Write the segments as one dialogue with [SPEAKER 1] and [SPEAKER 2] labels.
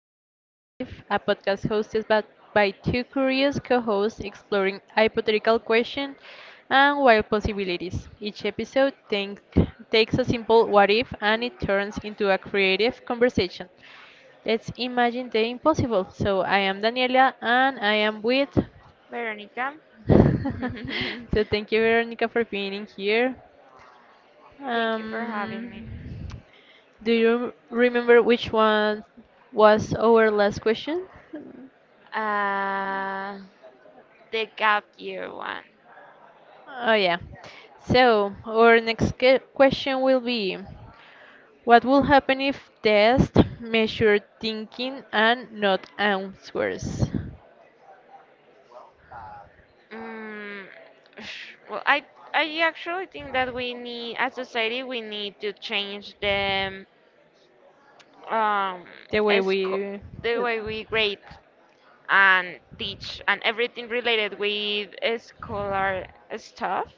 [SPEAKER 1] to What If, a podcast hosted by two curious co hosts exploring hypothetical questions and wild possibilities. Each episode takes a simple what if and it turns into a creative conversation. Let's imagine the impossible. So, I am Daniela and I am with.
[SPEAKER 2] Veronica,
[SPEAKER 1] So, thank you, Veronica, for being in here.
[SPEAKER 2] thank you for having me.
[SPEAKER 1] Um, do you remember which one was our last question?
[SPEAKER 2] Uh, the gap year one.
[SPEAKER 1] Oh, yeah. So, our next question will be: what will happen if tests measure thinking and not answers?
[SPEAKER 2] Mm, well, I actually think that we need, as society, we need to change the um
[SPEAKER 1] The way
[SPEAKER 2] sco-
[SPEAKER 1] we.
[SPEAKER 2] the way we grade and teach and everything related with scholar stuff.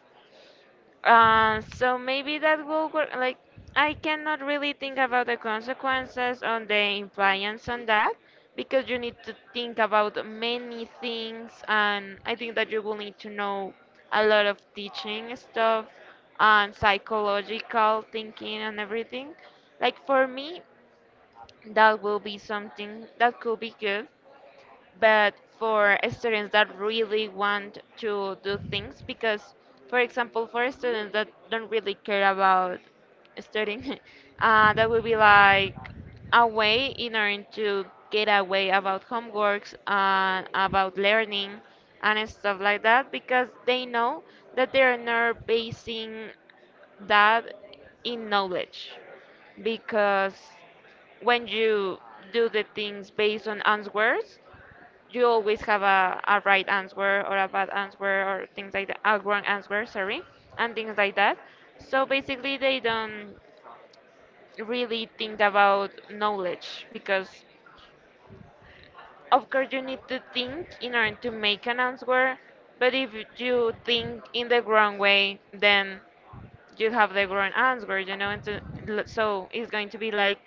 [SPEAKER 2] So maybe that will work. Like, I cannot really think about the consequences on the impliance on that because you need to think about many things, and I think that you will need to know a lot of teaching stuff and psychological thinking and everything. Like, for me, that will be something that could be good, but for students that really want to do things. Because for example, for students that don't really care about studying that would be like a way in order to get away about homeworks and about learning and stuff like that, because they know that they're not basing that in knowledge. Because when you do the things based on answers, you always have a right answer or a bad answer or things like that, a wrong answer, sorry, and things like that. So basically, they don't really think about knowledge because, of course, you need to think in order to make an answer, but if you think in the wrong way, then you have the wrong answer, you know, and so, so it's going to be like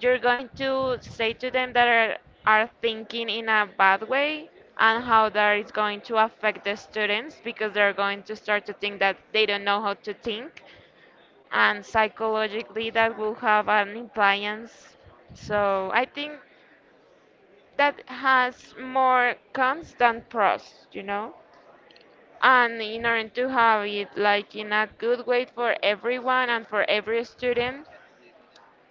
[SPEAKER 2] you're going to say to them that are thinking in a bad way, and how that is going to affect the students, because they're going to start to think that they don't know how to think, and psychologically that will have an impliance. So I think that has more cons than pros, you know, and in order to have it like in a good way for everyone and for every student,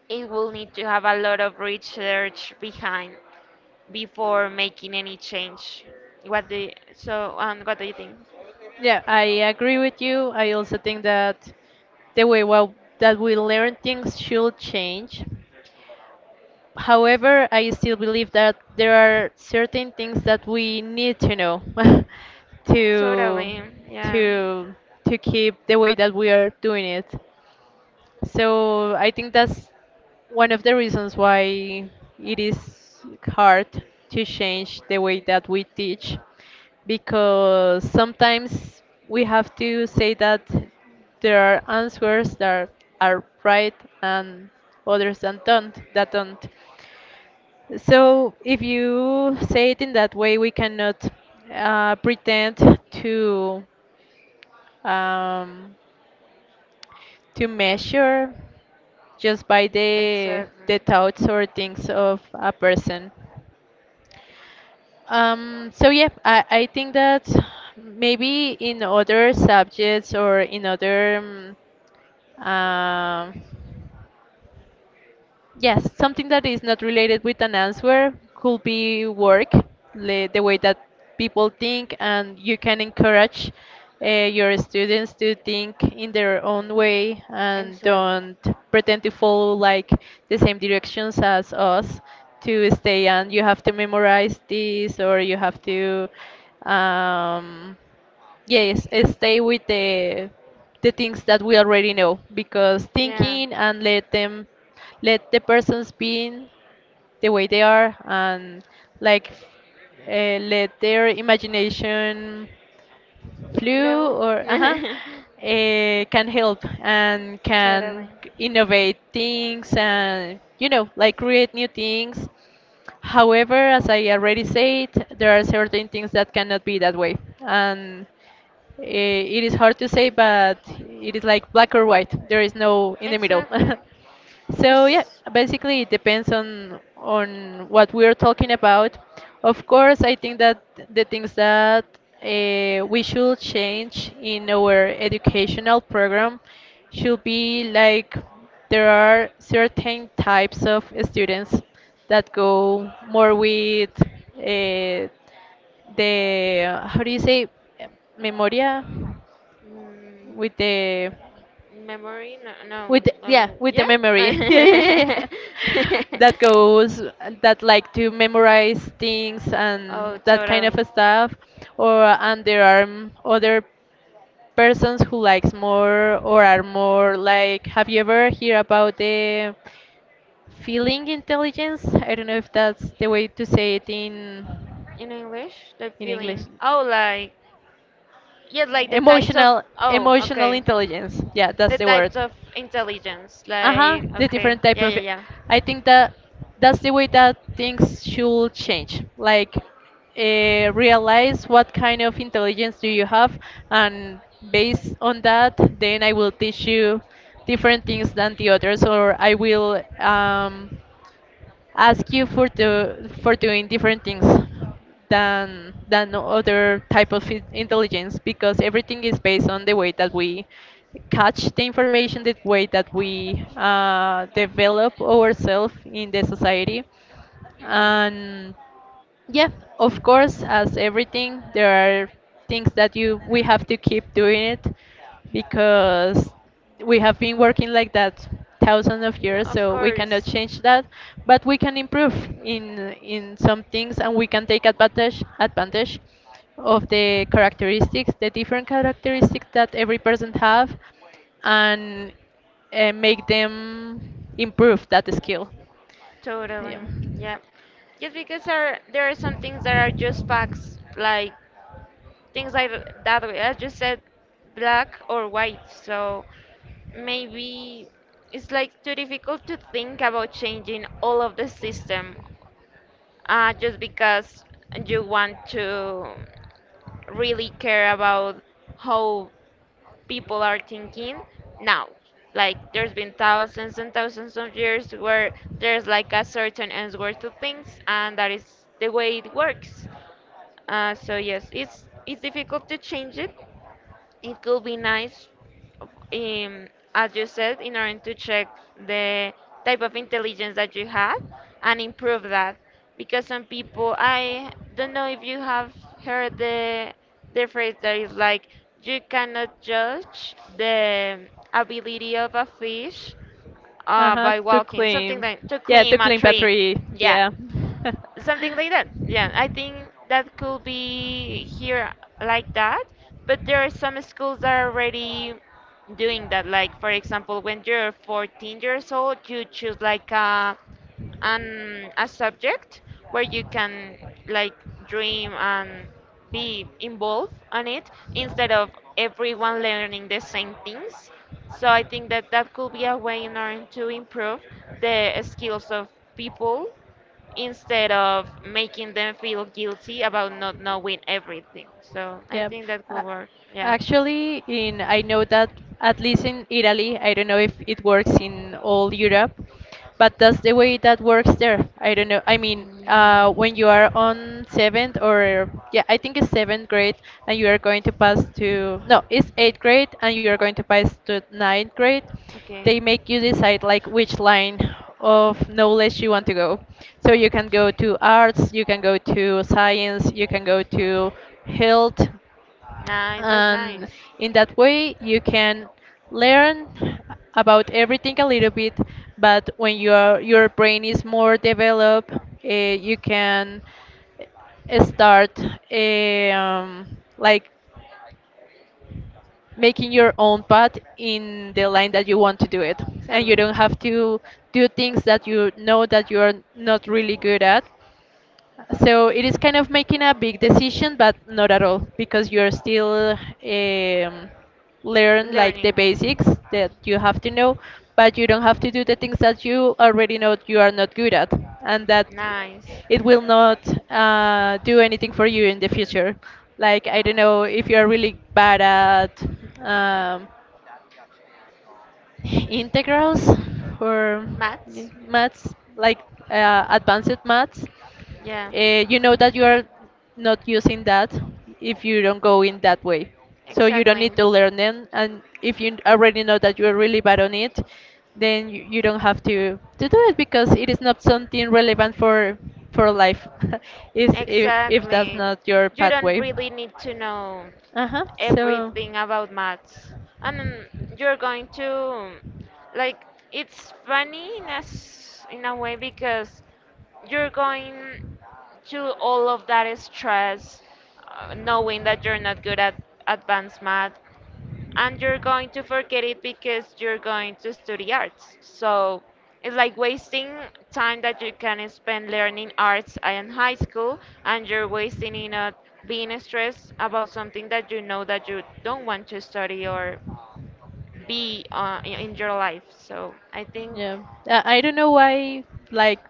[SPEAKER 2] it will need to have a lot of research behind before making any change. What do you, what do you think?
[SPEAKER 1] Yeah, I agree with you. I also think that the way well, that we learn things should change. However, I still believe that there are certain things that we need to know to
[SPEAKER 2] Totally, yeah,
[SPEAKER 1] to to keep the way that we are doing it. So I think that's one of the reasons why it is hard to change the way that we teach, because sometimes we have to say that there are answers that are right and others that don't, so if you say it in that way, we cannot pretend to um, to measure just by the
[SPEAKER 2] exactly.
[SPEAKER 1] the thoughts or things of a person. So yeah, I think that maybe in other subjects or in other um, um, yes, something that is not related with an answer could be work, the way that people think, and you can encourage your students to think in their own way and don't pretend to follow like the
[SPEAKER 2] Exactly.
[SPEAKER 1] same directions as us, to stay and you have to memorize this, or you have to um, yes, stay with the things that we already know, because
[SPEAKER 2] Yeah.
[SPEAKER 1] thinking and let them, let the persons be the way they are and like, let their imagination flew
[SPEAKER 2] Luego.
[SPEAKER 1] or uh-huh, can help and
[SPEAKER 2] Totally.
[SPEAKER 1] can innovate things, and you know like create new things. However, as I already said, there are certain things that cannot be that way, and it is hard to say, but it is like black or white. There is no in the middle.
[SPEAKER 2] Exactly.
[SPEAKER 1] So yeah,
[SPEAKER 2] There's
[SPEAKER 1] basically it depends on what we are talking about. Of course, I think that the things that we should change in our educational program should be like, there are certain types of students that go more with uh, the how do you say, memoria,
[SPEAKER 2] mm,
[SPEAKER 1] with the
[SPEAKER 2] memory. No, no.
[SPEAKER 1] with the, yeah
[SPEAKER 2] no.
[SPEAKER 1] with the
[SPEAKER 2] Yeah.
[SPEAKER 1] memory yeah yeah yeah yeah. That goes, that like to memorize things and
[SPEAKER 2] Oh,
[SPEAKER 1] that kind of
[SPEAKER 2] totally.
[SPEAKER 1] stuff, or, and there are other persons who likes more, or are more like, have you ever hear about the feeling intelligence? I don't know if that's the way to say it in
[SPEAKER 2] In English, the
[SPEAKER 1] English.
[SPEAKER 2] feeling. Oh, like, yes, like the types of.
[SPEAKER 1] Emotional,
[SPEAKER 2] Oh,
[SPEAKER 1] emotional
[SPEAKER 2] okay.
[SPEAKER 1] intelligence. Yeah, that's
[SPEAKER 2] The
[SPEAKER 1] the word.
[SPEAKER 2] types of intelligence.
[SPEAKER 1] Uh-huh,
[SPEAKER 2] Like,
[SPEAKER 1] the
[SPEAKER 2] okay.
[SPEAKER 1] different type
[SPEAKER 2] Yeah, yeah,
[SPEAKER 1] of,
[SPEAKER 2] yeah.
[SPEAKER 1] I think that that's the way that things should change. Like, realize what kind of intelligence do you have, and based on that, then I will teach you different things than the others, or I will ask you for doing different things than other type of intelligence, because everything is based on the way that we catch the information, the way that we develop ourselves in the society,
[SPEAKER 2] Mm.
[SPEAKER 1] and yeah, of course, as everything, there are things that you we have to keep doing it because we have been working like that thousands of
[SPEAKER 2] Mm,
[SPEAKER 1] years,
[SPEAKER 2] of
[SPEAKER 1] so we cannot
[SPEAKER 2] course.
[SPEAKER 1] change that, but we can improve in some things, and we can take advantage of the characteristics, the different characteristics that every person have, and make them improve that skill.
[SPEAKER 2] Totally.
[SPEAKER 1] Yeah.
[SPEAKER 2] Yeah. Just because there are some things that are just facts, like things like that way. I just said black or white, so maybe it's like too difficult to think about changing all of the system just because you want to really care about how people are thinking now. Like there's been thousands and thousands of years where there's like a certain answer to things, and that is the way it works. So yes, it's difficult to change it. It could be nice, um, as you said, in order to check the type of intelligence that you had and improve that. Because some people, I don't know if you have heard the phrase that is like, you cannot judge the ability of a fish
[SPEAKER 1] Uh-huh,
[SPEAKER 2] by
[SPEAKER 1] to
[SPEAKER 2] walking, something
[SPEAKER 1] clean.
[SPEAKER 2] like to
[SPEAKER 1] Yeah, to
[SPEAKER 2] climb a
[SPEAKER 1] clean
[SPEAKER 2] tree.
[SPEAKER 1] battery.
[SPEAKER 2] Yeah,
[SPEAKER 1] Yeah.
[SPEAKER 2] something like that. Yeah, I think that could be here like that, but there are some schools that are already doing that. Like for example, when you're 14 years old, you choose like a an a subject where you can like dream and be involved on it instead of everyone learning the same things. So I think that that could be a way in order to improve the skills of people instead of making them feel guilty about not knowing everything. So I
[SPEAKER 1] Yeah.
[SPEAKER 2] think that could
[SPEAKER 1] A-
[SPEAKER 2] work. Yeah.
[SPEAKER 1] Actually, in, I know that at least in Italy, I don't know if it works in all Europe, but that's the way that works there. I don't know. I mean, when you are on seventh, or yeah, I think it's seventh grade, and you are going to
[SPEAKER 2] Mm.
[SPEAKER 1] pass to, no, it's eighth grade, and you are going to pass to ninth grade, they
[SPEAKER 2] Okay.
[SPEAKER 1] make you decide like which line of knowledge you want to go, so you can go to arts, you can go to science, you can go to health,
[SPEAKER 2] Nice, that's nice.
[SPEAKER 1] and in that way you can learn about everything a little bit, but when your brain is more developed, you can start eh, um, like making your own path in the line that you want to do it, and you
[SPEAKER 2] Exactly.
[SPEAKER 1] don't have to do things that you know that you're not really good at. So it is kind of making a big decision, but not at all, because you're still learn like the
[SPEAKER 2] Learning.
[SPEAKER 1] basics that you have to know, but you don't have to do the things that you already know you are not good at, and that
[SPEAKER 2] Nice.
[SPEAKER 1] it will not do anything for you in the future. Like, I don't know if you are really bad at um, integrals or
[SPEAKER 2] Maths.
[SPEAKER 1] maths, like advanced maths,
[SPEAKER 2] Yeah.
[SPEAKER 1] you know that you are not using that if you don't go in that way. So you don't need
[SPEAKER 2] Exactly.
[SPEAKER 1] to learn them, and if you already know that you're really bad on it, then you don't have to do it, because it is not something relevant for life. Is, if that's
[SPEAKER 2] Exactly,
[SPEAKER 1] not your
[SPEAKER 2] you don't
[SPEAKER 1] pathway.
[SPEAKER 2] really need to know
[SPEAKER 1] Uh huh. So.
[SPEAKER 2] everything about maths, and you're going to like, it's funny in a, in a way, because you're going to all of that stress, knowing that you're not good at advanced math and you're going to forget it because you're going to study arts. So it's like wasting time that you can spend learning arts in high school, and you're wasting it on being stressed about something that you know that you don't want to study or be in your life. So I think
[SPEAKER 1] Yeah. I don't know why, like,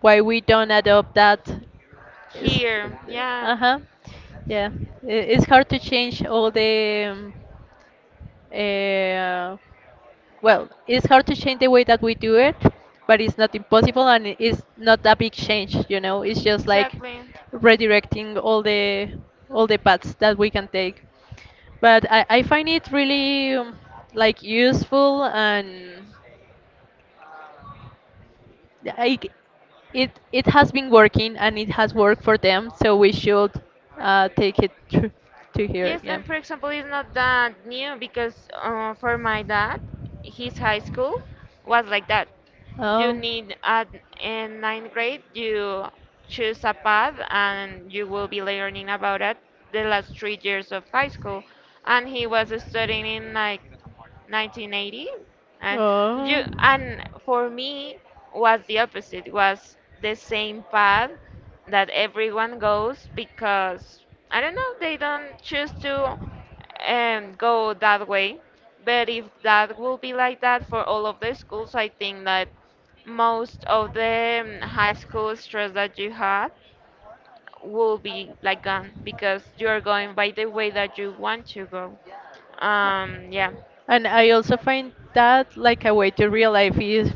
[SPEAKER 1] why we don't adopt that. Is
[SPEAKER 2] here, yeah.
[SPEAKER 1] uh huh. Yeah. It's hard to change all the. Uh, well, it's hard to change the way that we do it, but it's not impossible and it's not a big change, you know. It's just like
[SPEAKER 2] Exactly.
[SPEAKER 1] redirecting all the paths that we can take. But I find it really like useful, and like it has been working and it has worked for them, so we should take it to here,
[SPEAKER 2] Yes,
[SPEAKER 1] yeah.
[SPEAKER 2] and for example, it's not that new, because for my dad, his high school was like that. You
[SPEAKER 1] Oh,
[SPEAKER 2] need at in ninth grade, you choose a path, and you will be learning about it the last 3 years of high school. And he was studying in like 1980, and you
[SPEAKER 1] oh,
[SPEAKER 2] and for me was the opposite. Was the same path that everyone goes because I don't know, they don't choose to go that way. But if that will be like that for all of the schools, I think that most of the high school stress that you had will be like gone, because you are going by the way that you want to go. Yeah,
[SPEAKER 1] and I also find that like a way to realize if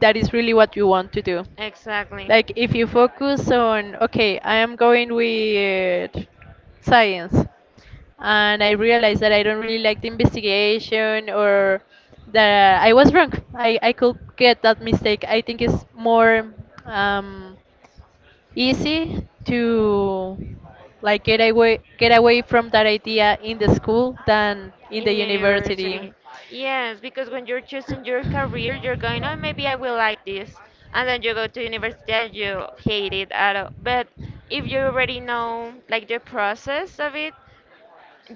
[SPEAKER 1] that is really what you want to do.
[SPEAKER 2] exactly.
[SPEAKER 1] Like, if you focus on, okay, I am going with science, and I realized that I don't really like the investigation, or that I was wrong. I could get that mistake. I think it's more um, easy to like get away from that idea in the school than in
[SPEAKER 2] In
[SPEAKER 1] the university.
[SPEAKER 2] university. Yes, because when you're choosing your career, you're going, oh, maybe I will like this. And then you go to university and you hate it at all. But if you already know like the process of it,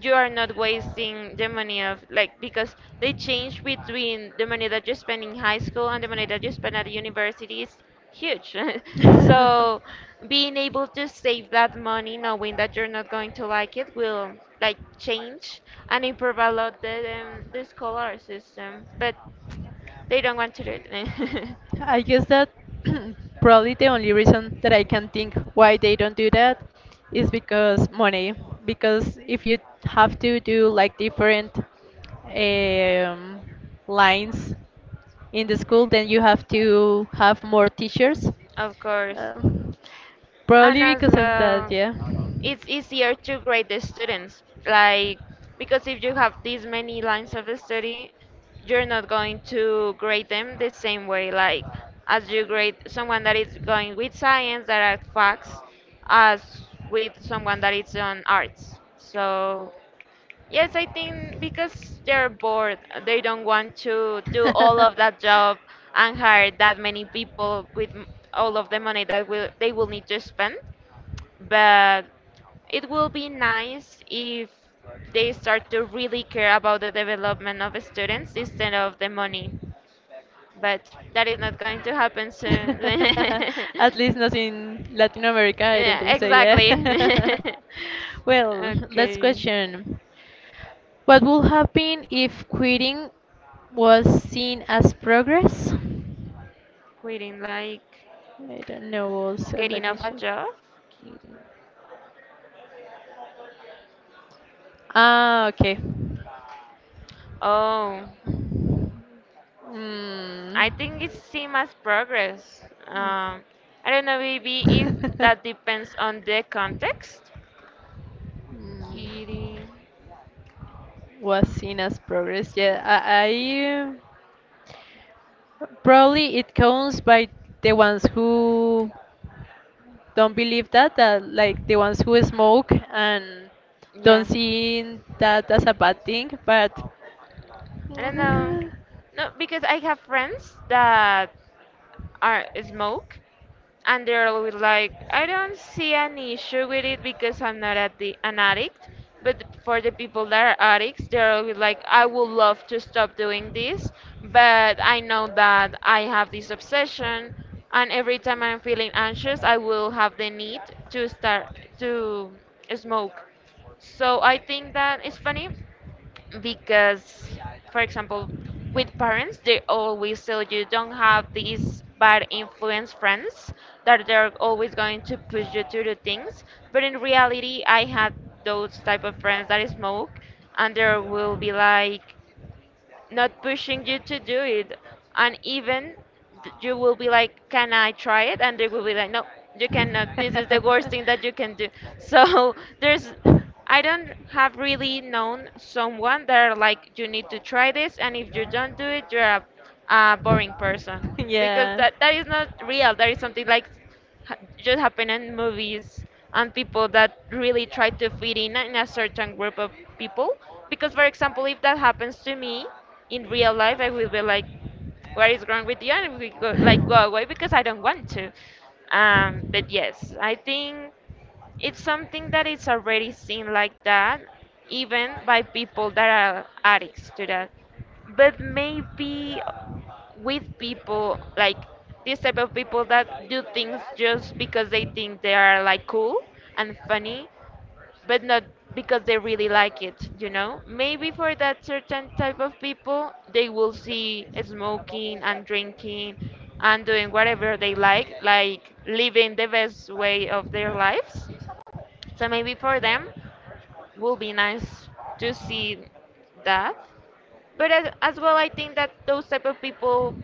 [SPEAKER 2] you are not wasting the money of, like, because they change between the money that you spend in high school and the money that you spend at university is huge. So being able to save that money knowing that you're not going to like it will like change and improve a lot the scholar system, but they don't want to do it.
[SPEAKER 1] I guess that probably the only reason that I can think why they don't do that is because money. Because if you have to do like different um, lines in the school, then you have to have more teachers.
[SPEAKER 2] Of course.
[SPEAKER 1] Um,
[SPEAKER 2] And
[SPEAKER 1] Probably
[SPEAKER 2] as
[SPEAKER 1] because of that,
[SPEAKER 2] well,
[SPEAKER 1] yeah.
[SPEAKER 2] it's easier to grade the students, like, because if you have these many lines of study, you're not going to grade them the same way, like as you grade someone that is going with science that are facts as with someone that is on arts. So yes, I think because they're bored, they don't want to do all of that job and hire that many people with all of the money that will they will need to spend. But it will be nice if they start to really care about the development of students instead of the money, but that is not going to happen soon.
[SPEAKER 1] At least not in Latin America, I don't
[SPEAKER 2] Yeah,
[SPEAKER 1] think so, yeah.
[SPEAKER 2] exactly.
[SPEAKER 1] Well, last
[SPEAKER 2] Okay,
[SPEAKER 1] question. What would happen if quitting was seen as progress?
[SPEAKER 2] quitting like
[SPEAKER 1] I don't know, also,
[SPEAKER 2] getting
[SPEAKER 1] let me
[SPEAKER 2] off a
[SPEAKER 1] check.
[SPEAKER 2] job. Quitting.
[SPEAKER 1] Ah, okay.
[SPEAKER 2] Oh, I think
[SPEAKER 1] Mm.
[SPEAKER 2] it's seen as progress. I don't know, maybe if that depends on the context.
[SPEAKER 1] Mm.
[SPEAKER 2] Kitty.
[SPEAKER 1] Was seen as progress. Yeah, I probably it counts by the ones who don't believe that like the ones who smoke and don't
[SPEAKER 2] Yeah.
[SPEAKER 1] see that as a bad thing, but
[SPEAKER 2] I don't know.
[SPEAKER 1] mm,
[SPEAKER 2] No, because I have friends that are smoke, and they're always like, I don't see an issue with it because I'm not at the, an addict. But for the people that are addicts, they're always like, I would love to stop doing this, but I know that I have this obsession, and every time I'm feeling anxious, I will have the need to start to smoke. So I think that it's funny because, for example, with parents, they always tell you don't have these bad influence friends that they're always going to push you to do things, but in reality I had those type of friends that smoke, and they will be like not pushing you to do it. And even you will be like, can I try it? And they will be like, no, you cannot. This is the worst thing that you can do. So there's, I don't have really known someone that are like, you need to try this. And if you don't do it, you're a boring person. Because
[SPEAKER 1] yeah.
[SPEAKER 2] that, that is not real. That is something like just happen in movies and people that really try to fit in a certain group of people. Because, for example, if that happens to me in real life, I will be like, "What is wrong with you?" And we go, like, go away, because I don't want to. But yes, I think it's something that is already seen like that, even by people that are addicts to that. But maybe with people like this type of people that do things just because they think they are like cool and funny, but not because they really like it, you know, maybe for that certain type of people they will see smoking and drinking and doing whatever they like living the best way of their lives. So maybe for them will be nice to see that. But as well, I think that those type of people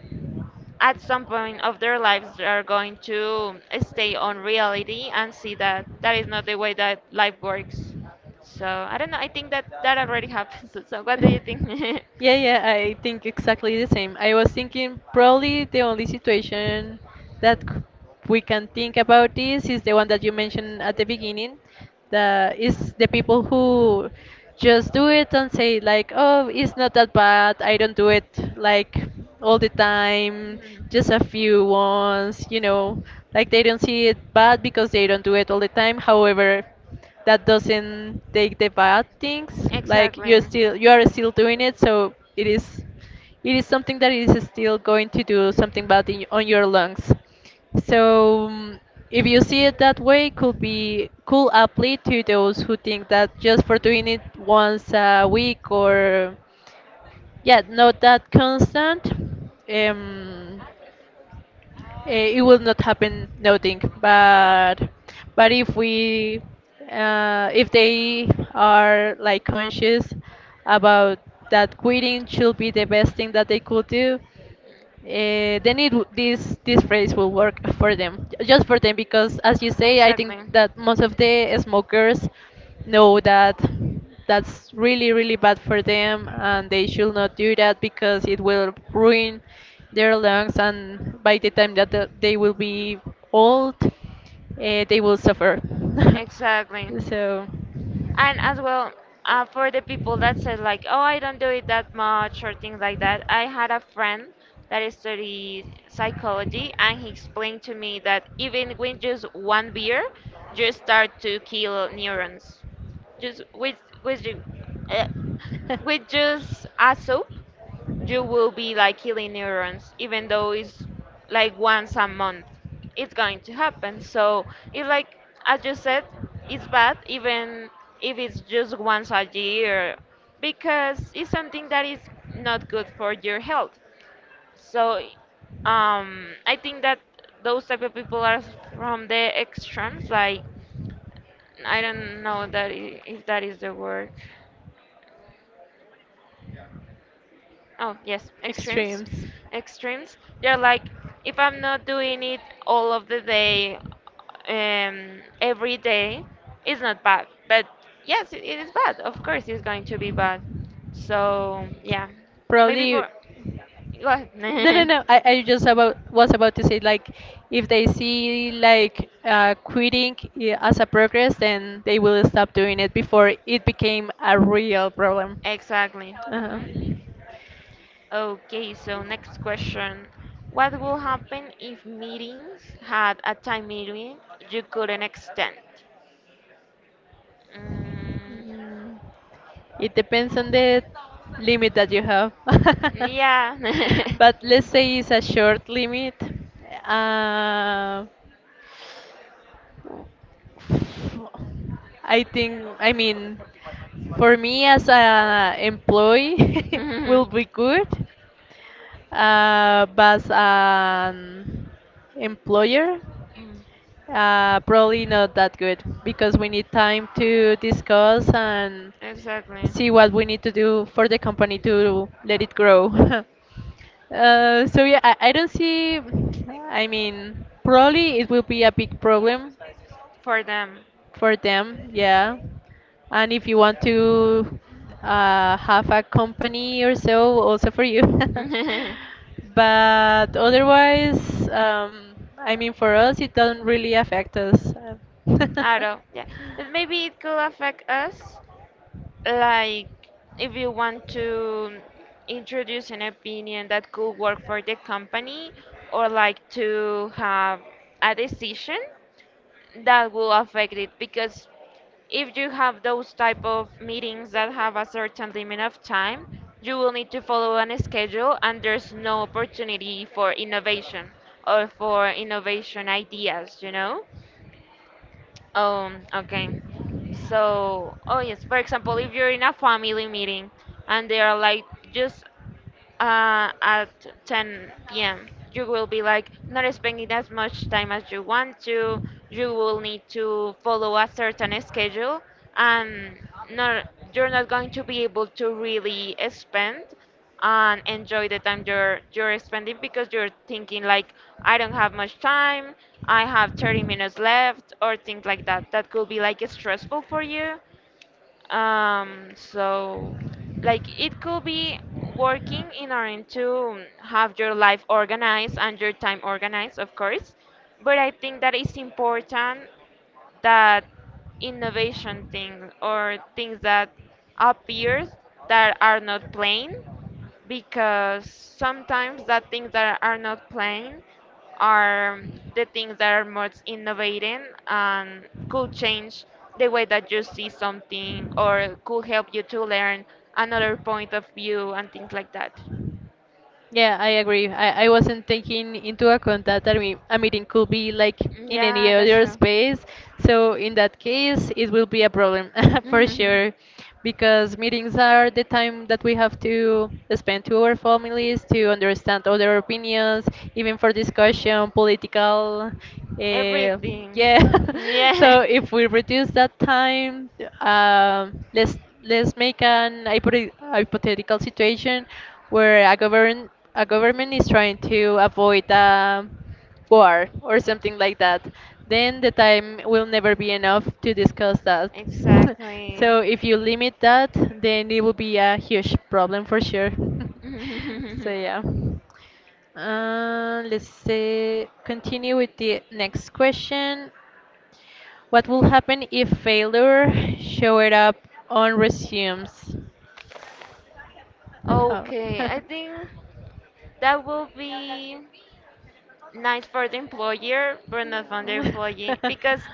[SPEAKER 2] at some point of their lives they are going to stay on reality and see that that is not the way that life works. So I don't know. I think that that already happens. So, so what do you think?
[SPEAKER 1] Yeah, yeah, I think exactly the same. I was thinking probably the only situation that we can think about this is the one that you mentioned at the beginning. The is the people who just do it and say like, "Oh, it's not that bad. I don't do it like all the time,
[SPEAKER 2] Hmm.
[SPEAKER 1] just a few ones, you know." Like they don't see it bad because they don't do it all the time. However, that doesn't take the bad things, like
[SPEAKER 2] Exactly.
[SPEAKER 1] you are still doing it, so it is something that is still going to do something bad in, on your lungs, so if you see it that way, could be, could apply to those who think that just for doing it once a week or, yeah, not that constant, um it will not happen nothing, but but if we, if they are like conscious about that, quitting should be the best thing that they could do,
[SPEAKER 2] To see his behavior
[SPEAKER 1] then this phrase will work for them, just for them, because as you say, I think that most of the smokers know that that's really really bad for them, and they should not do that, because it will ruin their lungs, and by the time that they will be old, they will suffer.
[SPEAKER 2] and exactly.
[SPEAKER 1] So,
[SPEAKER 2] And as well, for the people that said like, oh, I don't do it that much or things like that, I had a friend that studied psychology, and he explained to me that even with just one beer, you start to kill neurons. Just with you, uh, with just a soup, you will be like killing neurons even though it's like once a month it's going to happen, so it's like, as you said,
[SPEAKER 1] Extremes.
[SPEAKER 2] it's bad even if it's just once a year because it's something that is not good for your health. So I think that those type of people are from the extremes. Like, I don't know if that is the word. Oh, yes, extremes. Extremes. They're like, if I'm not doing it all of the day, every day, it's not bad. But yes, it is bad. Of course, it's going to be bad. So, yeah. Maybe
[SPEAKER 1] Probably,
[SPEAKER 2] for. What?
[SPEAKER 1] no, no, no. I just about was about to say like, if they see like, quitting as a progress, then they will stop doing it before it became a real problem.
[SPEAKER 2] Exactly. hmm
[SPEAKER 1] Uh-huh.
[SPEAKER 2] Okay, so next question. What will happen if meetings had a time limit you couldn't extend? Mm,
[SPEAKER 1] Mm, It depends on the limit that you have.
[SPEAKER 2] yeah.
[SPEAKER 1] But let's say it's a short limit. Uh, I think, I mean, for me as a employee will
[SPEAKER 2] Mm,
[SPEAKER 1] be good, but as an employer, probably not that good because we need time to discuss and
[SPEAKER 2] Exactly.
[SPEAKER 1] see what we need to do for the company to let it grow. So yeah, I don't see. I mean, probably it will be a big problem
[SPEAKER 2] For them.
[SPEAKER 1] for them, yeah, and if you want to have a company or so also for you.
[SPEAKER 2] I
[SPEAKER 1] But otherwise, I mean for us it doesn't really affect us.
[SPEAKER 2] don't. Yeah. But maybe it could affect us. Like, if you want to introduce an opinion that could work for the company, or like to have a decision that will affect it, because if you have those type of meetings that have a certain limit
[SPEAKER 1] Run
[SPEAKER 2] of time,
[SPEAKER 1] out
[SPEAKER 2] you will need to follow an schedule, and there's no
[SPEAKER 1] still.
[SPEAKER 2] opportunity for innovation or for innovation ideas, you know? Okay. So, oh yes, for example, if you're in a family meeting and they are like, just at 10 p.m. You will be like not spending as much time as you want to. You will need to follow a certain schedule, and not, you're not going to be able to really spend and enjoy the time you're spending because you're thinking like, I don't have much time. I have 30 minutes left or things like that. That could be like stressful for you. um, so, like, it could be working in order to have your life organized and your time organized, of course. But I think that it's important that innovation things or things that appears that are not plain, because sometimes the things that are not plain are the things that are most innovating and could change the way that you see something or could help you to learn another point of view and things like that.
[SPEAKER 1] Yeah, I agree. I wasn't taking into account that a meeting could be like in
[SPEAKER 2] Yeah,
[SPEAKER 1] any
[SPEAKER 2] that's
[SPEAKER 1] other
[SPEAKER 2] true.
[SPEAKER 1] space. So in that case, it will be a problem for sure, because meetings are the time that we have to spend to our families, to understand other opinions, even for discussion, political. Uh,
[SPEAKER 2] Everything. Yeah.
[SPEAKER 1] yeah.
[SPEAKER 2] Yeah.
[SPEAKER 1] So if we reduce that time, us let's make an hypothetical situation where a government is trying to avoid a war or something like that. Then the time will never be enough to discuss that.
[SPEAKER 2] Exactly.
[SPEAKER 1] So if you limit that, then it will be a huge problem for sure. So yeah. Let's say continue with the next question. What will happen if failure showed up on resumes?
[SPEAKER 2] Okay, I think that will be nice for the employer, but not for the employee, because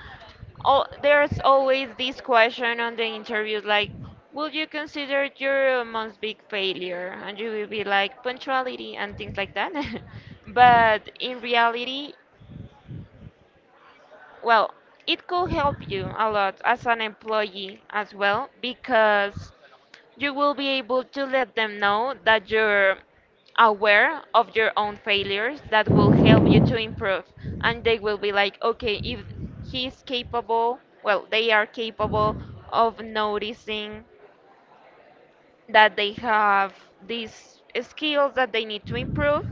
[SPEAKER 2] all, there's always this question on the interviews like, will you consider your month's big failure, and you will be like punctuality and things like that. But in reality, well, it could help you a lot as an employee as well, because you will be able to let them know that you're aware of your own failures, that will help you to improve. And they will be like, okay, if he's capable, well, they are capable of noticing that they have these skills that they need to improve,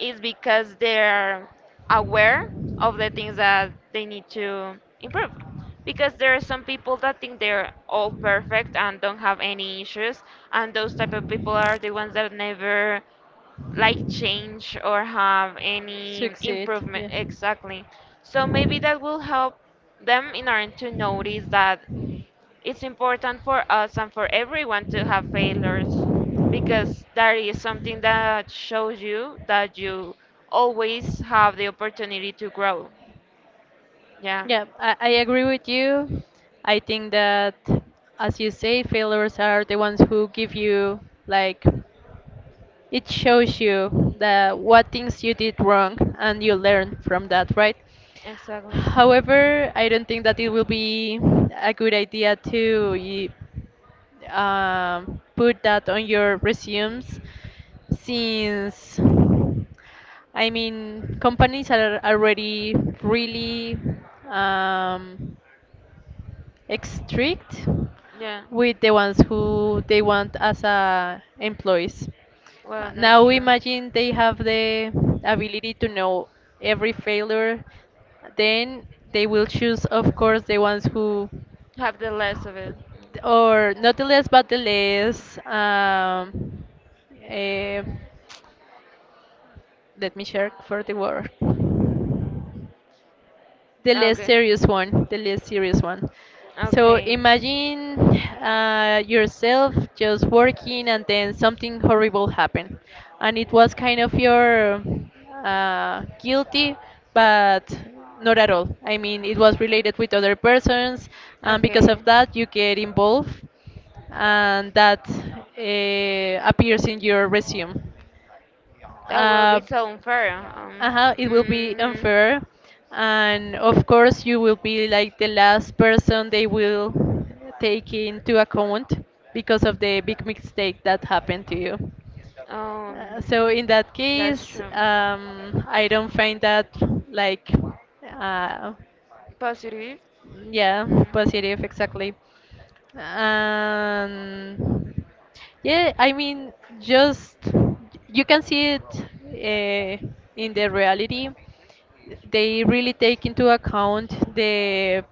[SPEAKER 2] is because they're aware of the things that they need to improve. Because there are some people that think they're
[SPEAKER 1] Oh.
[SPEAKER 2] all perfect and don't have any issues, and those type of people are the ones that never like change or have any
[SPEAKER 1] Succeed.
[SPEAKER 2] improvement
[SPEAKER 1] Yeah.
[SPEAKER 2] exactly. So maybe that will help them in order to notice that it's important for us and for everyone to have failures, because that is something that shows you that you always have the opportunity to grow. Yeah.
[SPEAKER 1] Yeah, I agree with you. I think that, as you say, failures are the ones who give you like. It shows you that what things you did wrong and you learn from that, right?
[SPEAKER 2] Exactly.
[SPEAKER 1] However, I don't think that it will be a good idea to put that on your resumes, since I mean companies are already really, um, strict
[SPEAKER 2] Yeah.
[SPEAKER 1] with the ones who they want as employees.
[SPEAKER 2] Well, that's
[SPEAKER 1] Now
[SPEAKER 2] true.
[SPEAKER 1] imagine they have the ability to know every failure, then they will choose, of course, the ones who,
[SPEAKER 2] Have the less of it.
[SPEAKER 1] or not the less, but the less. Eh, let me check for the word. the
[SPEAKER 2] Mm.
[SPEAKER 1] less
[SPEAKER 2] Okay.
[SPEAKER 1] serious one, the less serious one. So
[SPEAKER 2] Okay.
[SPEAKER 1] imagine yourself just working and then something horrible happened, and it was kind of your guilty, but not at all. I mean, it was related with other persons, and because
[SPEAKER 2] Okay.
[SPEAKER 1] of that, you get involved, and that appears in your resume.
[SPEAKER 2] That will
[SPEAKER 1] Uh,
[SPEAKER 2] be so unfair.
[SPEAKER 1] uh-huh, it will be
[SPEAKER 2] Mm,
[SPEAKER 1] unfair, and of course, you will be like the last person they will take into account because of the big mistake that happened to you. Uh,
[SPEAKER 2] Um,
[SPEAKER 1] so in that
[SPEAKER 2] that's
[SPEAKER 1] case,
[SPEAKER 2] true.
[SPEAKER 1] I don't find that like uh,
[SPEAKER 2] Positive.
[SPEAKER 1] yeah,
[SPEAKER 2] Mm.
[SPEAKER 1] positive, exactly. And yeah, I mean, just you can see it uh, in the reality. They really take into account the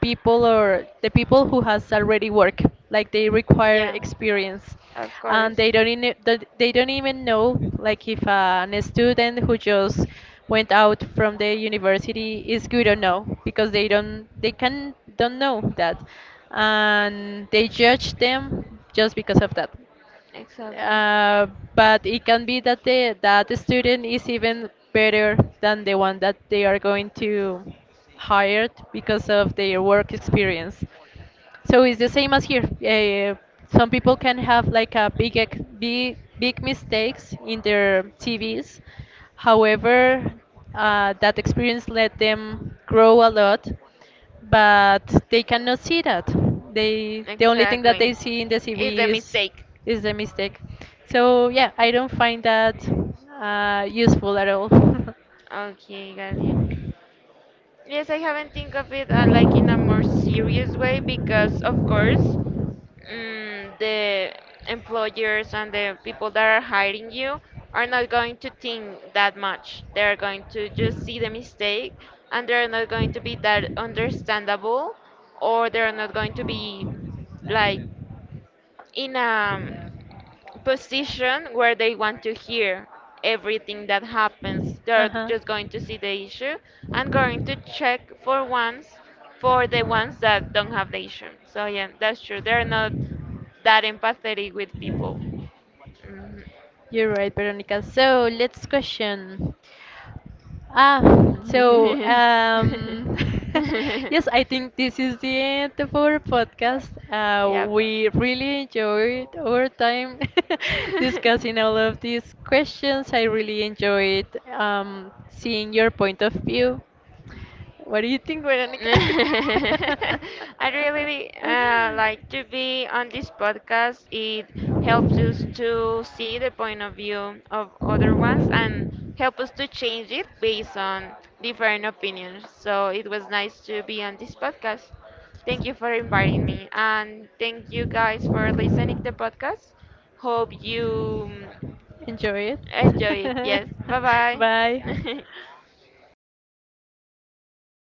[SPEAKER 1] people, or the people who has already work, like they require
[SPEAKER 2] Yeah,
[SPEAKER 1] experience
[SPEAKER 2] of
[SPEAKER 1] and
[SPEAKER 2] course.
[SPEAKER 1] they don't even know like if a student who just went out from the university is good or no, because they can don't know that, and they judge them just because of that.
[SPEAKER 2] Exactly.
[SPEAKER 1] uh, but it can be that the student is even better than the one that they are going to hire because of their work experience. So it's the same as here. Some people can have like a big ex- big big mistakes in their CVs. However, that experience let them grow a lot, but they cannot see that. They the only thing that they
[SPEAKER 2] Exactly.
[SPEAKER 1] see in the
[SPEAKER 2] It's a
[SPEAKER 1] CV is
[SPEAKER 2] mistake.
[SPEAKER 1] is the mistake. So yeah, I don't find that useful at all.
[SPEAKER 2] Okay, got you. Yes, I haven't think of it like in a more serious way because, of course, the employers and the people that are hiring you are not going to think that much. They are going to just see the mistake, and they are not going to be that understandable, or they are not going to be like in a position where they want to hear everything that happens. They're
[SPEAKER 1] Uh-huh.
[SPEAKER 2] just going to see the issue and going to check for ones, for the ones that don't have the issue. So yeah, that's true. They're not that empathetic with people. Mhm.
[SPEAKER 1] You're right, Veronica. So let's question. Ah, so um, yes, I think this is the end of our podcast.
[SPEAKER 2] Yep.
[SPEAKER 1] We really enjoyed our time discussing all of these questions. I really enjoyed seeing your point of view. What do you think, Veronica?
[SPEAKER 2] I really like to be on this podcast. It helps us to see the point of view of other ones and help us to change it based on different opinions. So it was nice to be on this podcast. Thank you for inviting me, and thank you guys for listening to the podcast. Hope you
[SPEAKER 1] Enjoy
[SPEAKER 2] enjoy it.
[SPEAKER 1] it.
[SPEAKER 2] Yes, bye
[SPEAKER 1] Bye.
[SPEAKER 2] bye.